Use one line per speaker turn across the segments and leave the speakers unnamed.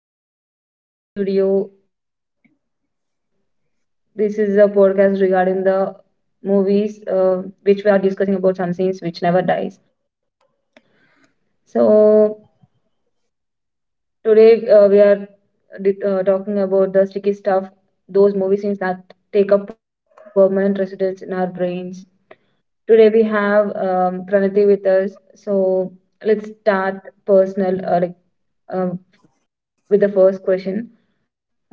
Hey, hi all. This is Vijaya. Welcome to the studio. This is a podcast regarding the movies, which we are discussing about some scenes which never dies. So today we are talking about the sticky stuff, those movie scenes that take up permanent residence in our brains. Today we have Pranati with us. So let's start personal, like um with the first question.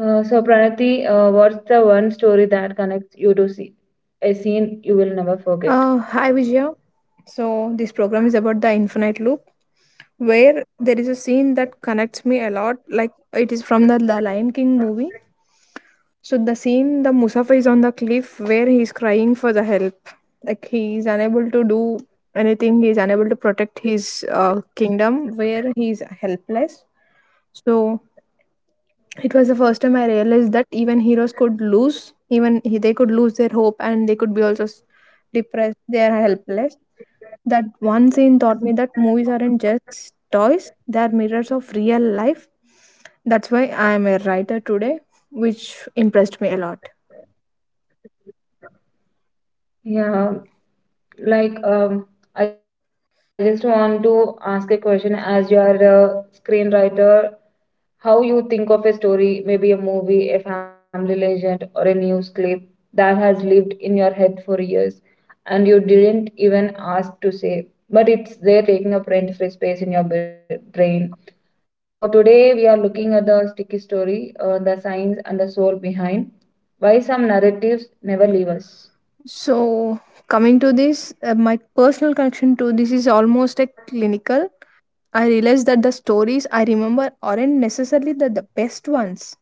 So, Pranati, what's the one story that connects you to see a scene you will never forget?
Hi Vijaya. So this program is about the infinite loop, where there is a scene that connects me a lot. Like it is from the Lion King movie. So the scene, the Musafa is on the cliff where he is crying for the help. Like he is unable to do anything. He is unable to protect his kingdom, where he is helpless. So it was the first time I realized that even heroes could lose, they could lose their hope and they could be also depressed. They are helpless. That one scene taught me that movies aren't just toys, they are mirrors of real life. That's why I am a writer today, which impressed me a lot.
Yeah, like, I just want to ask a question as you are a screenwriter. How you think of a story, maybe a movie, a family legend, or a news clip that has lived in your head for years and you didn't even ask to say, but it's there taking up rent free space in your brain. So, today we are looking at the sticky story, the science and the soul behind why some narratives never leave us.
So, coming to this, my personal connection to this is almost a clinical. I realized that the stories I remember aren't necessarily the best ones,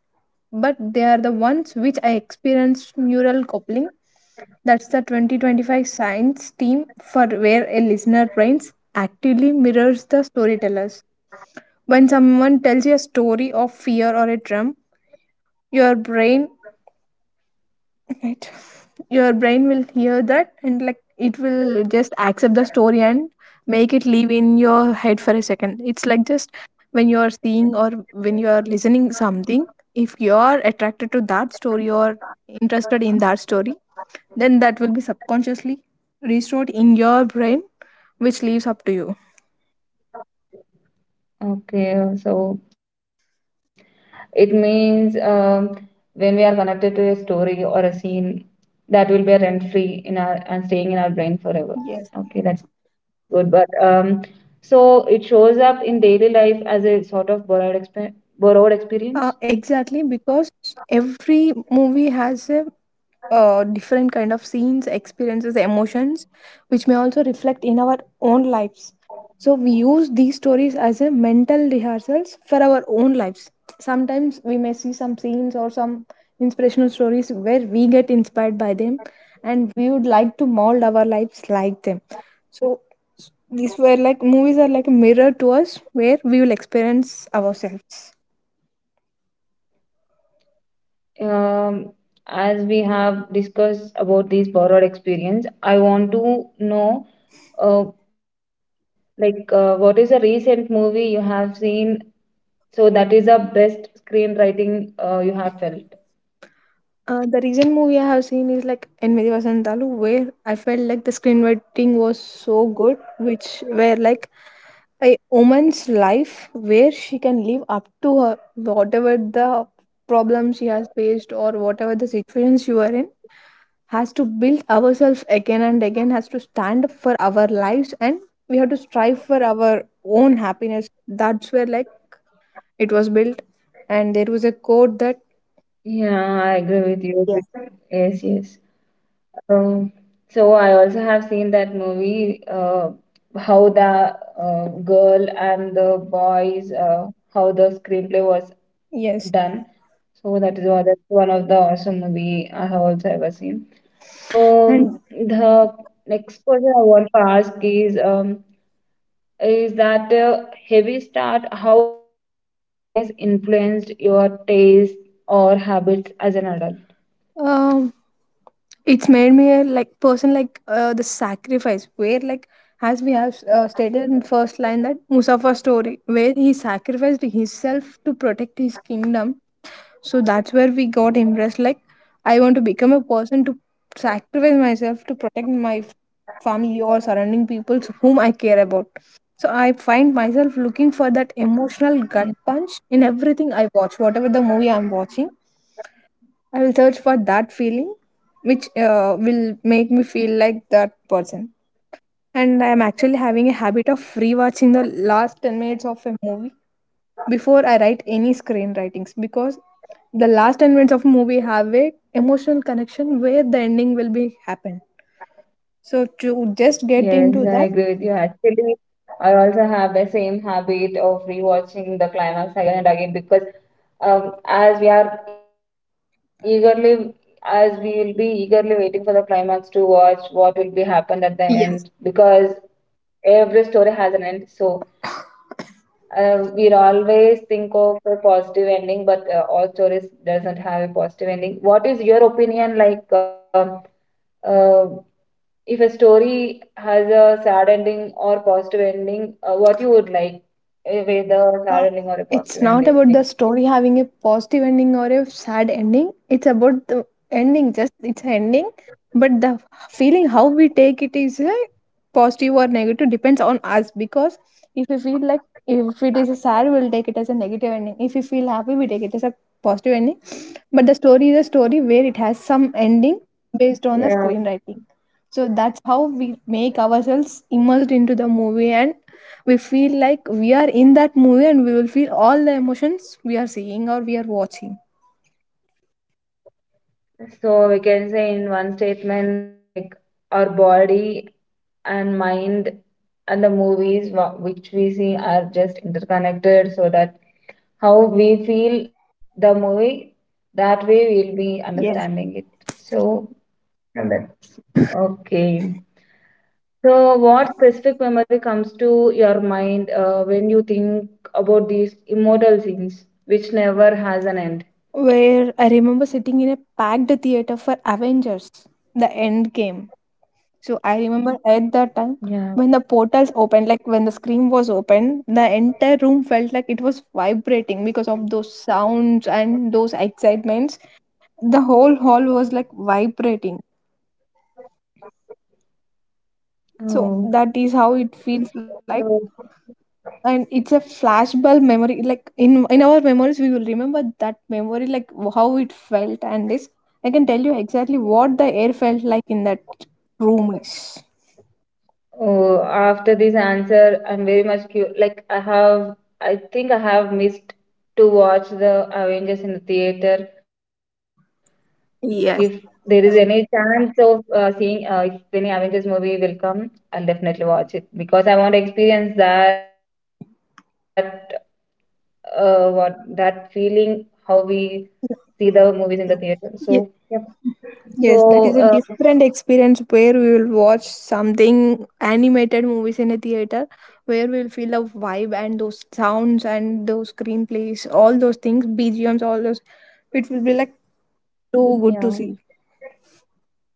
but they are the ones which I experienced neural coupling. That's the 2025 science team for where a listener brains actively mirrors the storytellers. When someone tells you a story of fear or a drum, your brain. Right. Your brain will hear that and like it will just accept the story and make it live in your head for a second. It's like just when you're seeing or when you're listening something, if you're attracted to that story or interested in that story, then that will be subconsciously restored in your brain, which leaves up to you.
Okay, so it means, when we are connected to a story or a scene, that will be a rent free in our and staying in our brain
Yes.
forever. Okay, that's good. But, so it shows up in daily life as a sort of borrowed experience.
Exactly, because every movie has a different kind of scenes experiences emotions which may also reflect in our own lives, so we use these stories as a mental rehearsals for our own lives. Sometimes we may see some scenes or some inspirational stories where we get inspired by them and we would like to mold our lives like them. So these were like movies are like a mirror to us where we will experience ourselves.
Um, as we have discussed about these borrowed experience, I want to know, uh, like, what is a recent movie you have seen so that is the best screenwriting you have felt.
The recent movie I have seen is like Enmedi Vasantalu, where I felt like the screenwriting was so good, which where like a woman's life where she can live up to her whatever the problem she has faced or whatever the situation she were in has to build ourselves again and again, has to stand up for our lives, and we have to strive for our own happiness. That's where like it was built, and there was a quote that.
Yeah, I agree with you.
Yes.
Yes, yes. Um, so I also have seen that movie. How the girl and the boys, how the screenplay was
Yes
done. So that is one, that's one of the awesome movie I have also ever seen. So
and.
the next question I want to ask is that heavy start, how has the stickiness influenced your taste or habits as an adult?
Um, it's made me a like person like the sacrifice, where like as we have stated in first line that Musafa story where he sacrificed himself to protect his kingdom. So that's where we got impressed, like I want to become a person to sacrifice myself to protect my family or surrounding people whom I care about. So I find myself looking for that emotional
Yeah.
gut punch in everything I watch, whatever the movie I'm watching. I will search for that feeling which will make me feel like that person. And I am actually having a habit of rewatching the last 10 minutes of a movie before I write any screenwritings, because the last 10 minutes of movie have a emotional connection where the ending will be happen. So to just get
Yes,
into
I
that.
agree with you. Actually, I also have the same habit of rewatching the climax again and again because, as we are eagerly, as we will be eagerly waiting for the climax to watch what will be happened at the
Yes.
end because every story has an end. So we'll always think of a positive ending, but all stories doesn't have a positive ending. What is your opinion, like, uh, if a story has a sad ending or positive ending, what you would like, whether
Uh,
sad ending or a
it's
positive
not about
ending?
the story having a positive ending or a sad ending. It's about the ending, just it's an ending. But the feeling how we take it is a positive or negative depends on us, because if we feel like if it is a sad, we'll take it as a negative ending. If we feel happy, we take it as a positive ending. But the story is a story where it has some ending based on the
Yeah,
screenwriting. So that's how we make ourselves immersed into the movie and we feel like we are in that movie and we will feel all the emotions we are seeing or we are watching.
so we can say in one statement like our body and mind and the movies which we see are just interconnected, so that how we feel the movie, that way we'll be
Yes.
understanding it. So yeah, that's okay. So what specific memory comes to your mind when you think about these immortal scenes, which never has an end?
Where I remember sitting in a packed theater for Avengers, the end game. So I remember at that time
Yeah.
when the portals opened, like when the screen was opened, the entire room felt like it was vibrating because of those sounds and those excitements. The whole hall was like vibrating. So
Oh.
that is how it feels like,
So,
and it's a flashbulb memory like in our memories we will remember that memory like how it felt, and this I can tell you exactly what the air felt like in that room is.
oh, after this answer, I'm very much like I have, I think I have missed to watch the Avengers in the theater. If there is
Yes.
any chance of seeing, if any Avengers movie will come, I'll definitely watch it because I want to experience that, what that feeling, how we see the movies in the theater. So
Ye-.
yep.
Yes, that is a
So
different experience where we will watch something animated movies in a theater where we'll feel the vibe and those sounds and those screenplays, all those things, B G M's, all those. It will be like
yeah,
too good to see.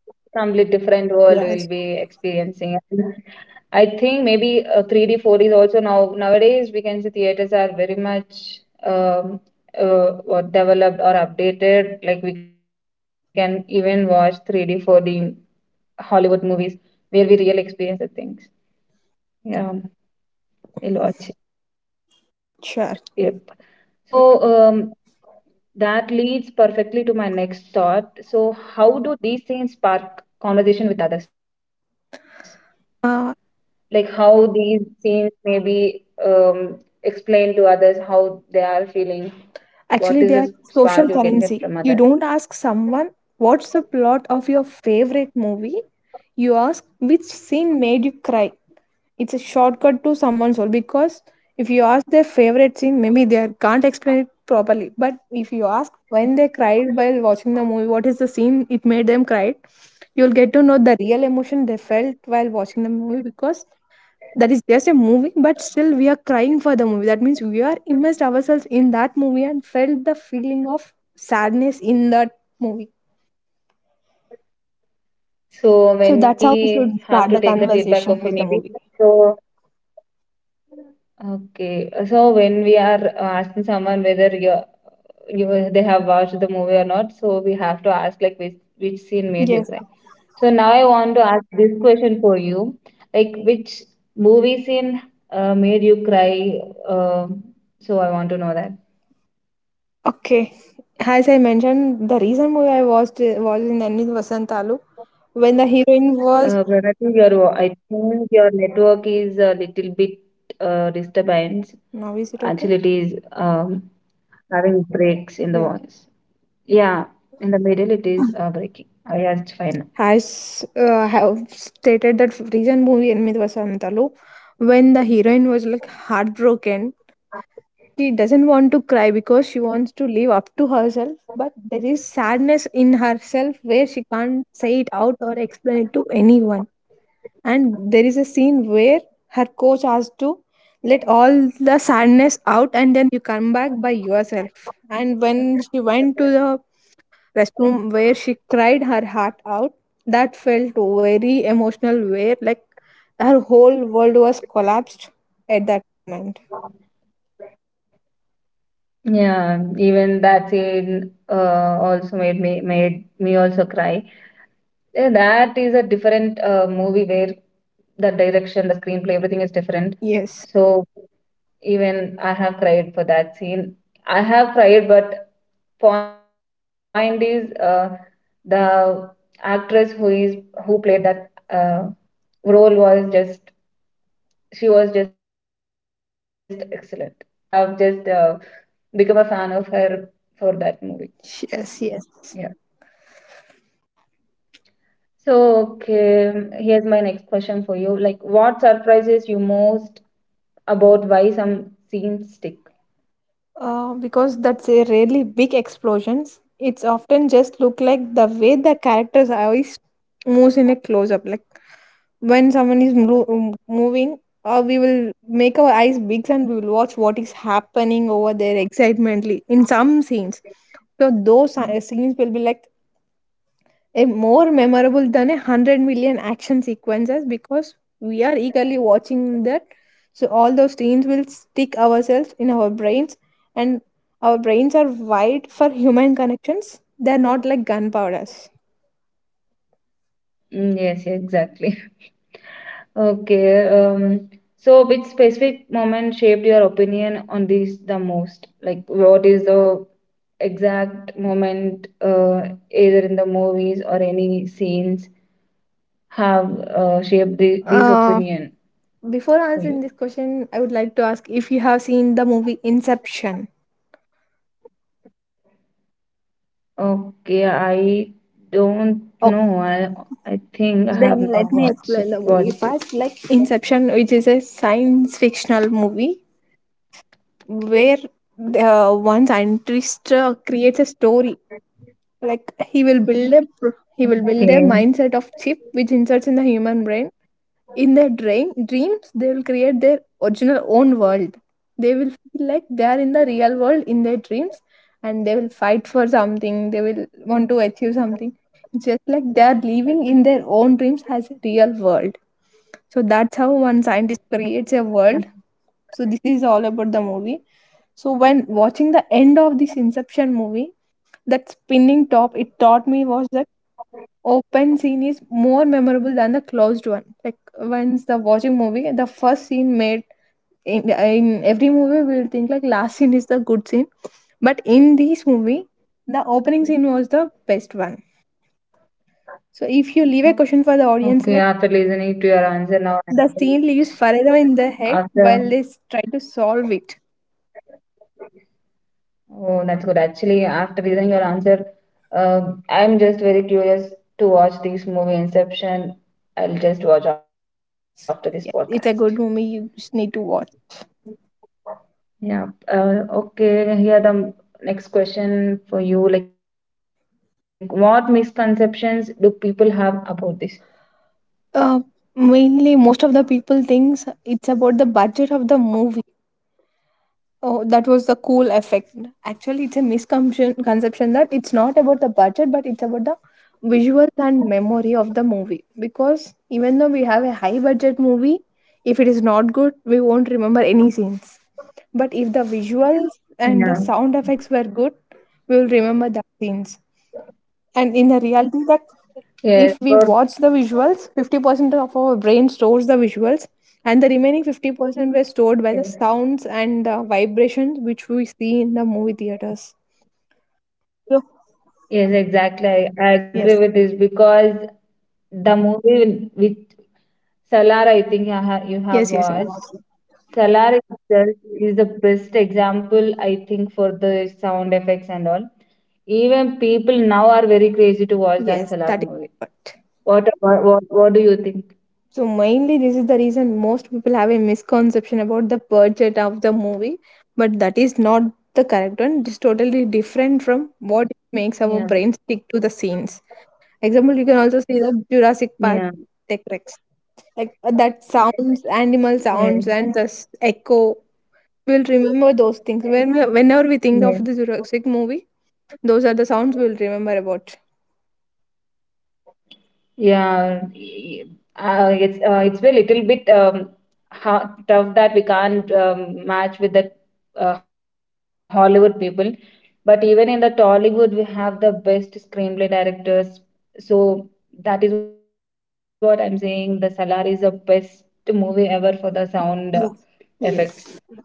complete different world we'll
Yes.
be experiencing. I think maybe 3D, 4D is also now nowadays we can see theaters are very much, um, what developed or updated. Like we can even watch 3D, 4D Hollywood movies where we really experience the things. Yeah, we'll watch it.
Sure.
Yep. So, um, that leads perfectly to my next thought. So how do these things spark conversation with others?
Uh,
Like how these scenes may be, explained to others how they are feeling, what
Actually,
is
they are
the spark
social
you can get
currency.
from
You
others.
don't ask someone what's the plot of your favorite movie. You ask which scene made you cry. It's a shortcut to someone's soul, because if you ask their favorite scene, maybe they are- can't explain it properly. But if you ask when they cried while watching the movie, what is the scene it made them cry, you'll get to know the real emotion they felt while watching the movie, because that is just a movie but still we are crying for the movie, that means we are immersed ourselves in that movie and felt the feeling of sadness in that movie.
So
So
when
that's how we should
we have
start
to
the
take the feedback
conversation
of a
with the
movie,
movie.
so okay, so when we are asking someone whether you they have watched the movie or not, so we have to ask like which scene made you
Yes.
cry. So now I want to ask this question for you, like which movie scene made you cry. Um so I want to know that.
Okay, as I mentioned, the recent movie I watched was in enemy vasantalu, when the heroine was.
Pranati, your, I think your network is a little bit disturbance.
Now is it okay?
Actually, it is, having breaks in the
Yeah.
voice. Yeah, in the middle it is breaking. Yeah, it's fine.
Has. Uh, have stated that recent movie in Midvasantalu, when the heroine was like heartbroken. She doesn't want to cry because she wants to live up to herself, but there is sadness in herself where she can't say it out or explain it to anyone. And there is a scene where her coach has to let all the sadness out and then you come back by yourself, and when she went to the restroom where she cried her heart out, that felt very emotional, where like her whole world was collapsed at that moment.
Yeah, even that scene also made me also cry. Yeah, that is a different movie where the direction, the screenplay, everything is different.
Yes,
So even I have cried for that scene. I have cried, but point is, the actress who is who played that uh, role was just, she was just excellent. I have just become a fan of her for that movie.
yes, yes.
Yeah. So okay, here's my next question for you. Like, what surprises you most about why some scenes stick?
Because that's a rarely big explosions, it's often just look like the way the character's eyes moves in a close-up. Like when someone is moving, we will make our eyes big and we will watch what is happening over there excitedly in some scenes. So those scenes will be like a more memorable than a 100 million action sequences, because we are eagerly watching that. So all those scenes will stick ourselves in our brains, and our brains are wired for human connections, they're not like gunpowders.
Mm, yes, exactly. Okay. So which specific moment shaped your opinion on this the most? Like what is the exact moment, either in the movies or any scenes, have shaped the, this
uh,
opinion
Before
for
answering
you?
this question I would like to ask if you have seen the movie Inception.
Okay, I don't know.
Okay,
I think I have
then let
not
me
watched it,
explain the movie
watched it.
first. Like Inception, which is a science fictional movie where the one scientist creates a story. Like he will he will build a
Okay.
mindset of chip which inserts in the human brain. In their dreams they will create their original own world. They will feel like they are in the real world in their dreams, and they will fight for something, they will want to achieve something. It's just like they are living in their own dreams as a real world. So that's how one scientist creates a world. So this is all about the movie. So when watching the end of this Inception movie, that spinning top, it taught me was that open scene is more memorable than the closed one. Like once the watching movie, the first scene made in every movie we'll think like last scene is the good scene, but in this movie, the opening scene was the best one. So if you leave a question for the audience,
Okay,
like
after listening to your answer now, I-
the scene lives forever in their head while
after
they s- try to solve it.
oh, that's good. Actually, after listening your answer, uh, I'm just very curious to watch this movie Inception. I'll just watch
Yeah,
after
it's a
this
good
podcast.
movie. You just need to watch.
Yeah. Okay. Here the next question for you. Like, what misconceptions do people have about this?
Uh, mainly, most of the people thinks it's about the budget of the movie. Oh, that was the cool effect. Actually, it's a misconception conception that it's not about the budget, but it's about the visuals and memory of the movie. Because even though we have a high budget movie, if it is not good, we won't remember any scenes. But if the visuals and the sound
Yeah.
effects were good, we will remember the scenes. And in the reality that
Yes.
if we
For,
watch the visuals, 50% of our brain stores the visuals and the remaining 50% were stored by the
yes.
sounds and the vibrations which we see in the movie theaters. So,
Yes, exactly. I agree
yes
with this because the movie with Salar, I think you have
yes, yes
watched. Salar itself is the best example, I think, for the sound effects and all. Even people now are very crazy to watch that
yes,
Salar
that is
movie.
what.
What about, what do you think?
So mainly this is the reason most people have a misconception about the budget of the movie, but that is not the correct one. It's totally different from what makes our
Yeah,
brains stick to the scenes. Example, you can also see the Jurassic Park
yeah,
Tech Rex. Like that sounds, animal
yeah,
sounds, and this echo. We'll remember those things. Whenever we think
yeah.
of the Jurassic movie, those are the sounds we'll remember about.
Yeah, it's, it's a little bit, how tough that we can't, match with the Hollywood people. But even in the Tollywood, we have the best screenplay directors. So that is what I'm saying. The Salar is the best movie ever for the sound
Yes.
effects.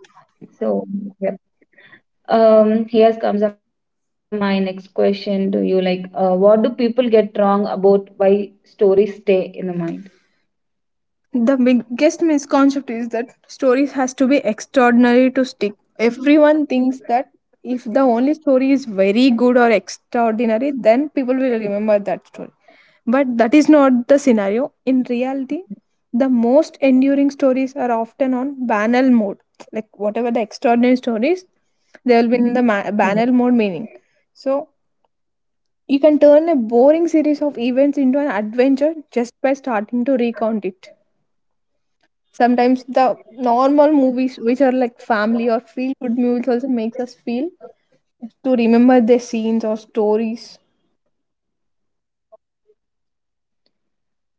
So yeah. Here comes, my next question to you. Like, what do people get wrong about why stories stay in the mind?
The biggest misconception is that stories has to be extraordinary to stick. Everyone thinks that if the only story is very good or extraordinary, then people will remember that story. But that is not the scenario. In reality, the most enduring stories are often on banal mode. Like whatever the extraordinary stories, they will be in the
Yeah.
banal mode meaning. So you can turn a boring series of events into an adventure just by starting to recount it. Sometimes the normal movies, which are like family or feel good movies, also makes us feel to remember their scenes or stories.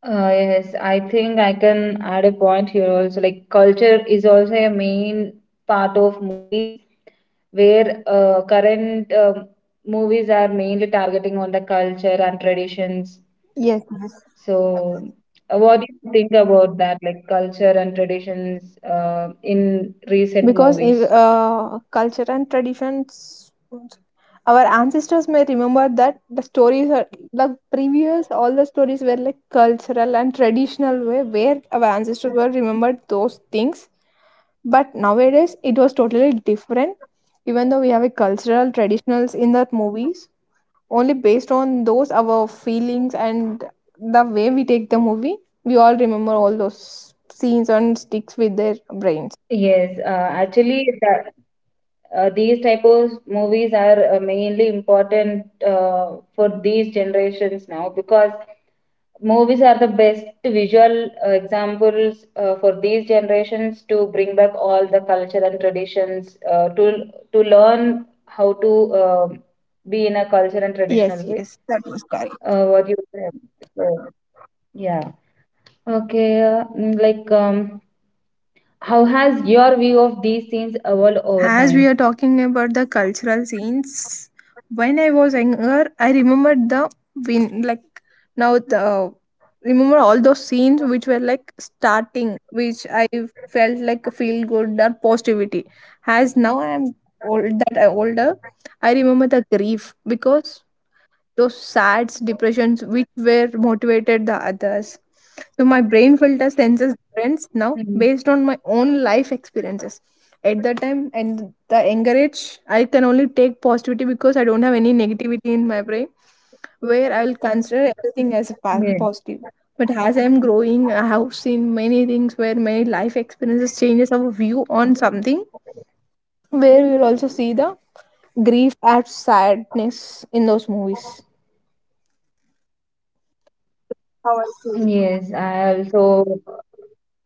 Yes, I think I can add a point here also. Like culture is also a main part of movies, where current, movies are mainly targeting on the culture and traditions.
Yes, yes.
So, what do you think about that? Like culture and traditions in recent
Because if,
movies?
culture and traditions, our ancestors may remember that the stories are like previous, all the stories were like cultural and traditional way where our ancestors were remembered those things. But nowadays it was totally different. Even though we have a cultural traditionals in that movies, only based on those our feelings and the way we take the movie, we all remember all those scenes and sticks with their brains.
Yes, actually, that, these type of movies are mainly important for these generations now because movies are the best visual examples for these generations to bring back all the culture and traditions, to learn how to, um be in a culture and
Yes,
traditional way,
yes, that was correct.
what you said. So yeah. Okay, like, how has your view of these scenes evolved over
As we
time?
are talking about the cultural scenes, when I was younger I remembered the win, like now the remember all those scenes which were like starting, which I felt like feel good or positivity. As now I am old, that I older, I remember the grief because those sads depressions which were motivated the others. So my brain filter senses difference now,
Mm,
based on my own life experiences. At the time and the younger age, I can only take positivity because I don't have any negativity in my brain, where I will consider everything as a
yeah.
positive. But as I am growing, I have seen many things where many life experiences changes our view on something. Where we will also see the grief and sadness in those movies. How I feel.
Yes, I also,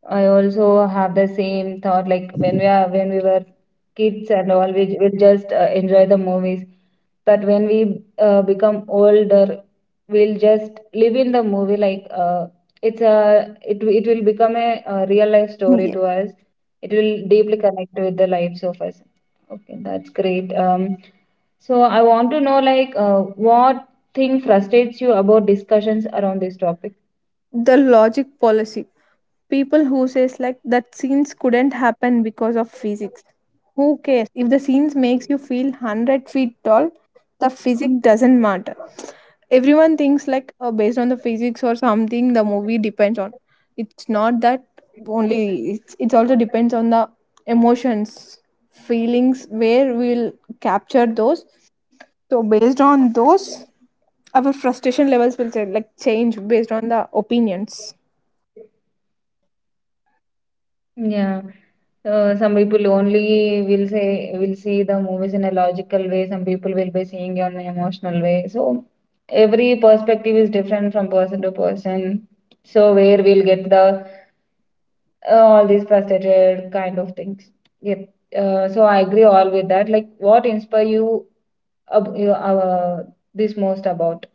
I also have the same thought like when we are when we were kids and all, we just enjoy the movies, but when we become older, we'll just live in the movie like, it's a it will become a real life story
Yeah.
to us. It will deeply connect with the lives of us. Okay, that's great. Um, so I want to know like, what thing frustrates you about discussions around this topic?
The logic policy. People who says like that scenes couldn't happen because of physics. Who cares? If the scenes makes you feel 100 feet tall, the physics doesn't matter. Everyone thinks like based on the physics or something the movie depends on. It's not that only, it also depends on the emotions, feelings where we'll capture those. So based on those, our frustration levels will say, like change based on the opinions.
Yeah, some people only will say will see the movies in a logical way. Some people will be seeing it on an emotional way. So every perspective is different from person to person. So where we'll get the all these frustrated kind of things. Yep. So I agree all with that. Like, what inspire you, ab you this most about?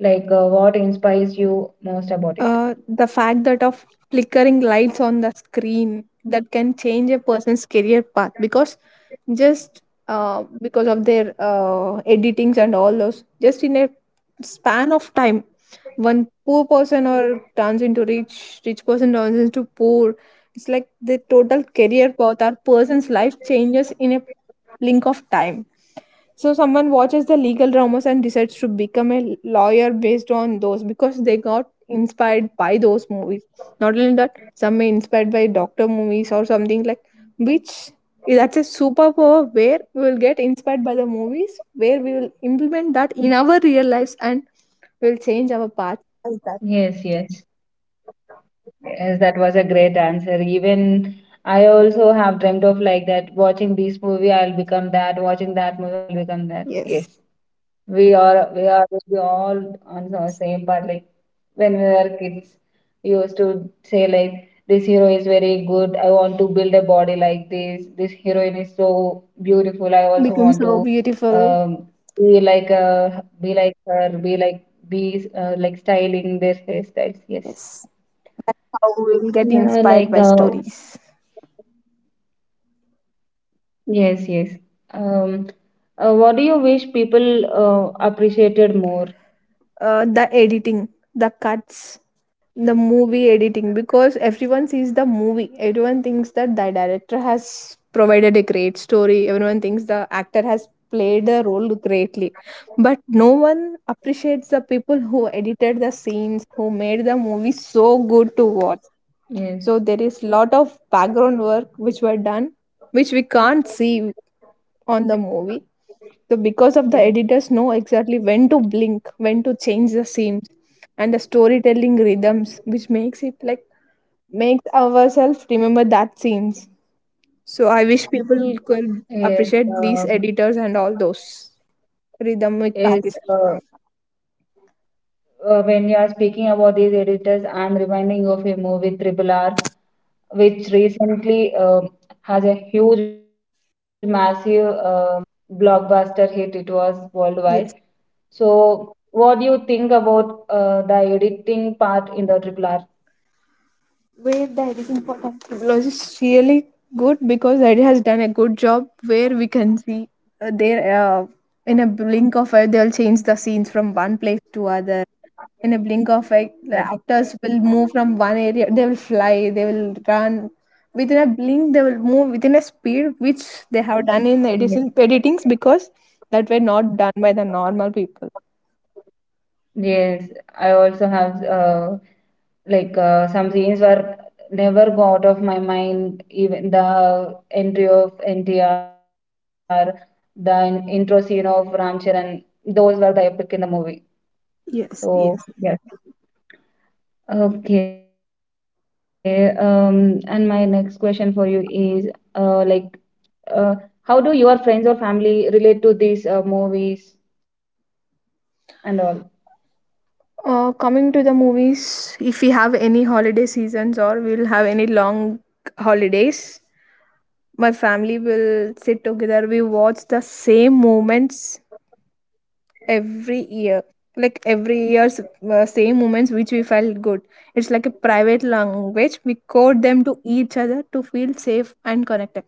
Like, what inspires you most about it?
The fact that of flickering lights on the screen that can change a person's career path, just because of their editings and all those, just in a span of time one poor person or turns into rich, rich person turns into poor. It's like the total career path or person's life changes in a blink of time. So someone watches the legal dramas and decides to become a lawyer based on those because they got inspired by those movies. Not only that, some may inspired by doctor movies or something, like, which, that's a superpower where we will get inspired by the movies, where we will implement that in our real lives and will change our path as that.
Yes, yes. Yes, that was a great answer. Even I also have dreamt of like that, watching this movie, I'll become that, watching that movie, I'll become that. Yes.
Yes,
We are, we are, we all on the same part, like when we were kids, we used to say like this hero is very good, I want to build a body like this heroine is so beautiful, I also
become
want to,
so beautiful.
um, be like a, be like her, be like be, like styling their hairstyles. Yes,
Yes. How we will get
yeah,
inspired
like,
by stories.
yes, yes. Um, what do you wish people appreciated more?
The editing, the cuts, the movie editing, because everyone sees the movie. Everyone thinks that the director has provided a great story. Everyone thinks the actor has played the role greatly. But no one appreciates the people who edited the scenes, who made the movie so good to watch.
Yes,
So there is lot of background work which were done, which we can't see on the movie, the because of the
yes,
editors know exactly when to blink, when to change the scenes, and the storytelling rhythms, which makes it like makes ourselves remember that scenes. So I wish people could
yes. Um,
appreciate these editors and all those rhythmic practice.
is, uh, when you are speaking about these editors, I'm reminding of a movie Triple R, which recently, has a huge, massive, blockbuster hit. It was worldwide.
Yes,
So, what do you think about the editing part in the Triple R?
where the editing for Comfortable is really good because it has done a good job where we can see, there, in a blink of eye they'll change the scenes from one place to other. In a blink of eye the
Yes.
actors will move from one area, they will fly, they will run. Within a blink they will move within a speed which
Yes,
they have done in the editings because that were not done by the normal people.
yes, I also have. Like some scenes were never go out of my mind. Even the entry of NTR, the intro scene of Ram Charan, those were the epic in the movie.
Yes,
So
yes.
yes. Okay, and my next question for you is, like, uh, how do your friends or family relate to these movies and all?
Coming to the movies, if we have any holiday seasons or we'll have any long holidays, my family will sit together, we watch the same moments every year. Like every year's same moments which we felt good, it's like a private language, we code them to each other to feel safe and connected.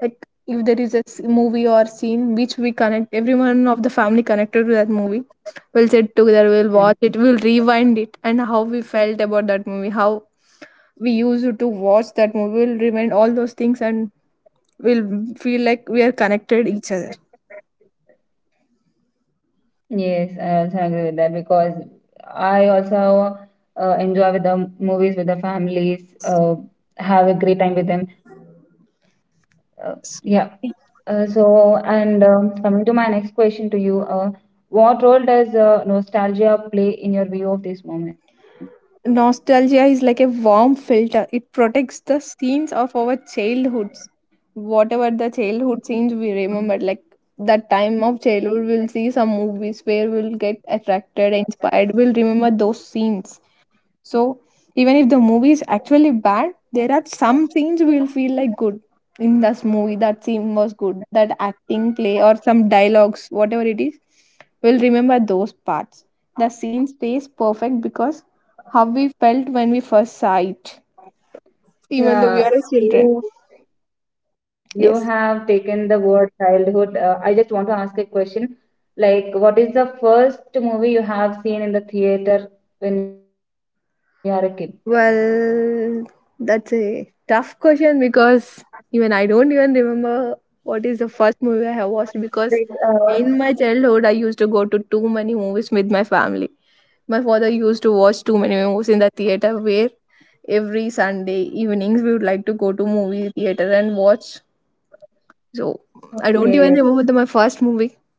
Like if there is a movie or scene which we connect, everyone of the family connected to that movie, we'll sit together, we'll watch it, we'll rewind it, and how we felt about that movie, how we used to watch that movie, we'll remind all those things, and we'll feel like we are connected each other.
Yes, I also agree with that because I also enjoy with the movies with the families, have a great time with them. Uh, yeah. So, and, coming to my next question to you, what role does nostalgia play in your view of these moments?
Nostalgia is like a warm filter. It protects the scenes of our childhoods. Whatever the childhood scenes we remember,
Mm.
like that time of childhood, we'll see some movies where we'll get attracted, inspired. We'll remember those scenes. So even if the movie is actually bad, there are some scenes we'll feel like good in this movie. That scene was good. That acting play or some dialogues, whatever it is, we'll remember those parts. The scene stays perfect because how we felt when we first saw it, even though we are as children.
Yeah, you
Yes.
you have taken the word childhood. I just want to ask a question. Like, what is the first movie you have seen in the theater when you are a kid?
Well, that's a tough question because even I don't even remember what is the first movie I have watched, because in my
Like,
childhood I used to go to too many movies with my family. My father used to watch too many movies in the theater where every Sunday evenings we would like to go to movie theater and watch. So I don't even remember my first movie.
okay,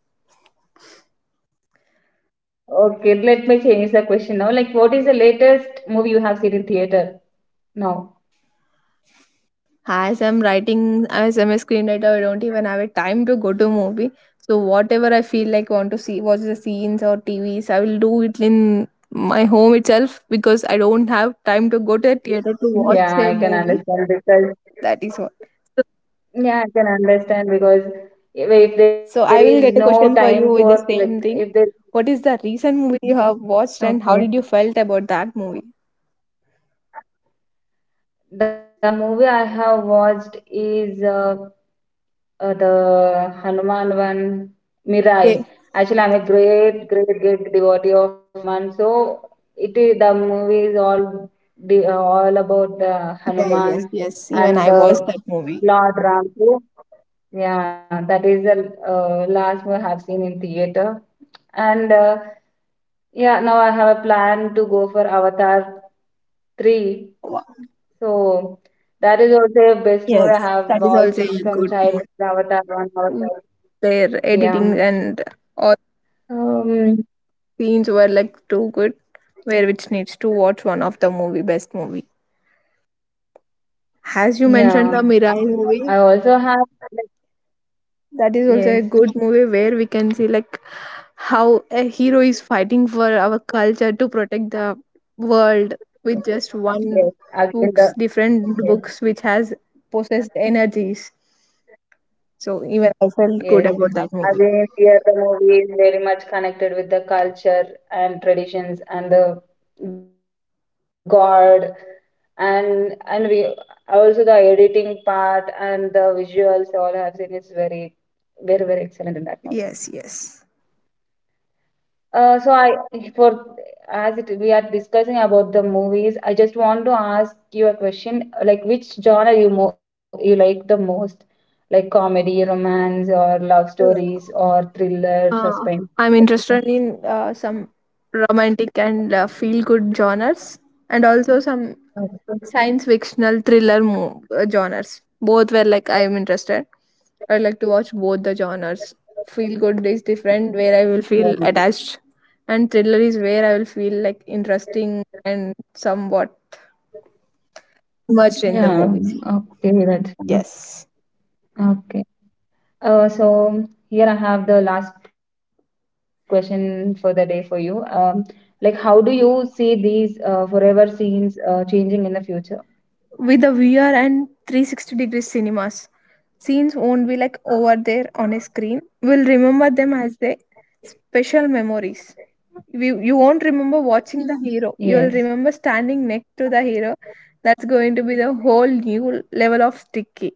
okay. Let me change the question now. Like, what is the latest movie you have seen in theater now?
As I'm writing, as I'm a screenwriter, I don't even have a time to go to movie. So whatever I feel like want to see watch the scenes or TVs, I will do it in my home itself because I don't have time to go to a theater to watch
Yeah,
a
I can
movie.
understand because,
That is what. So,
yeah, I can understand because if
so
there
I will
is
get a
no
question for
time
you with the
for like
same thing.
if there
What is the recent movie you have watched, and how
okay.
did you felt about that movie?
The movie I have watched is, the Hanuman one,
Yeah.
Mirai. Actually, I'm a great, great, great devotee of Hanuman. So it is, the movie is all the, all about the
yeah yes
Hanuman
yes even
and
I watched
the
that movie.
Lord Ram. So, yeah, that is the last movie I have seen in theater. And yeah, now I have a plan to go for Avatar 3,
Wow.
so that is also a best movie I
Yes,
have
that is
watched
also a
from
good
childhood, Avatar 1,
movie,
Avatar.
their
Yeah.
editing and all
Um,
scenes were like too good, where which needs to watch one of the movie, best movie. As you mentioned the
yeah.
Mirai movie,
I also have, like,
that is also
yes,
a good movie where we can see like how a hero is fighting for our culture to protect the world with just one,
yes. Again,
books,
the,
different books which
yes,
has possessed energies. So even I felt good
yes.
about that movie.
Again, here the movie is very much connected with the culture and traditions and the God, and we also the editing part and the visuals all have seen is very, very, very excellent
Yes,
in that movie.
yes.
So I for as it we are discussing about the movies, I just want to ask you a question, like which genre you like the most, like comedy, romance, or love stories, or thriller,
Uh,
suspense,
I'm interested
etc.
in some romantic and feel good genres, and also some science fictional thriller genres. Both were like I'm interested. I like to watch both the genres. Feel good is different, where I will feel attached, and thriller is where I will feel like interesting and somewhat immersed in the
Yeah,
movies.
okay, that's fine.
Yes.
Okay. So here I have the last question for the day for you. Like, how do you see these forever scenes changing in the future?
With the VR and 360-degree cinemas. Scenes won't be like over there on a screen. We'll remember them as the special memories. We, you won't remember watching the hero. You'll
Yes,
remember standing next to the hero. That's going to be the whole new level of sticky.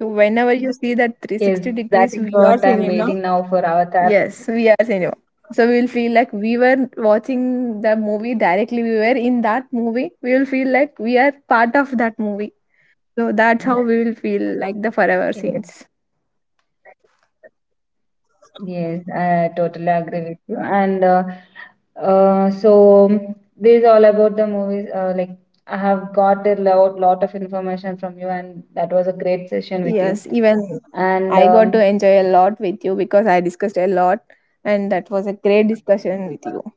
So whenever you see that 360
yes, that
degrees
is
VR
what I'm
cinema,
waiting now for Avatar.
yes, VR cinema. So we will feel like we were watching the movie directly. We were in that movie. We will feel like we are part of that movie. So that's how we will feel like the forever
Yes,
scenes.
yes, I totally agree with you. And, so this is all about the movies. Like I have got a lot, lot of information from you, and that was a great session with you.
Yes, even
And,
I got to enjoy a lot with you because I discussed a lot and that was a great discussion with you.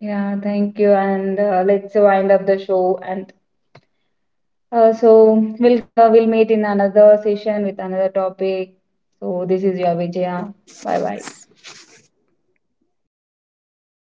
yeah, thank you. And let's wind up the show. And so we'll, we'll meet in another session with another topic. So this is your Vijaya. Bye bye.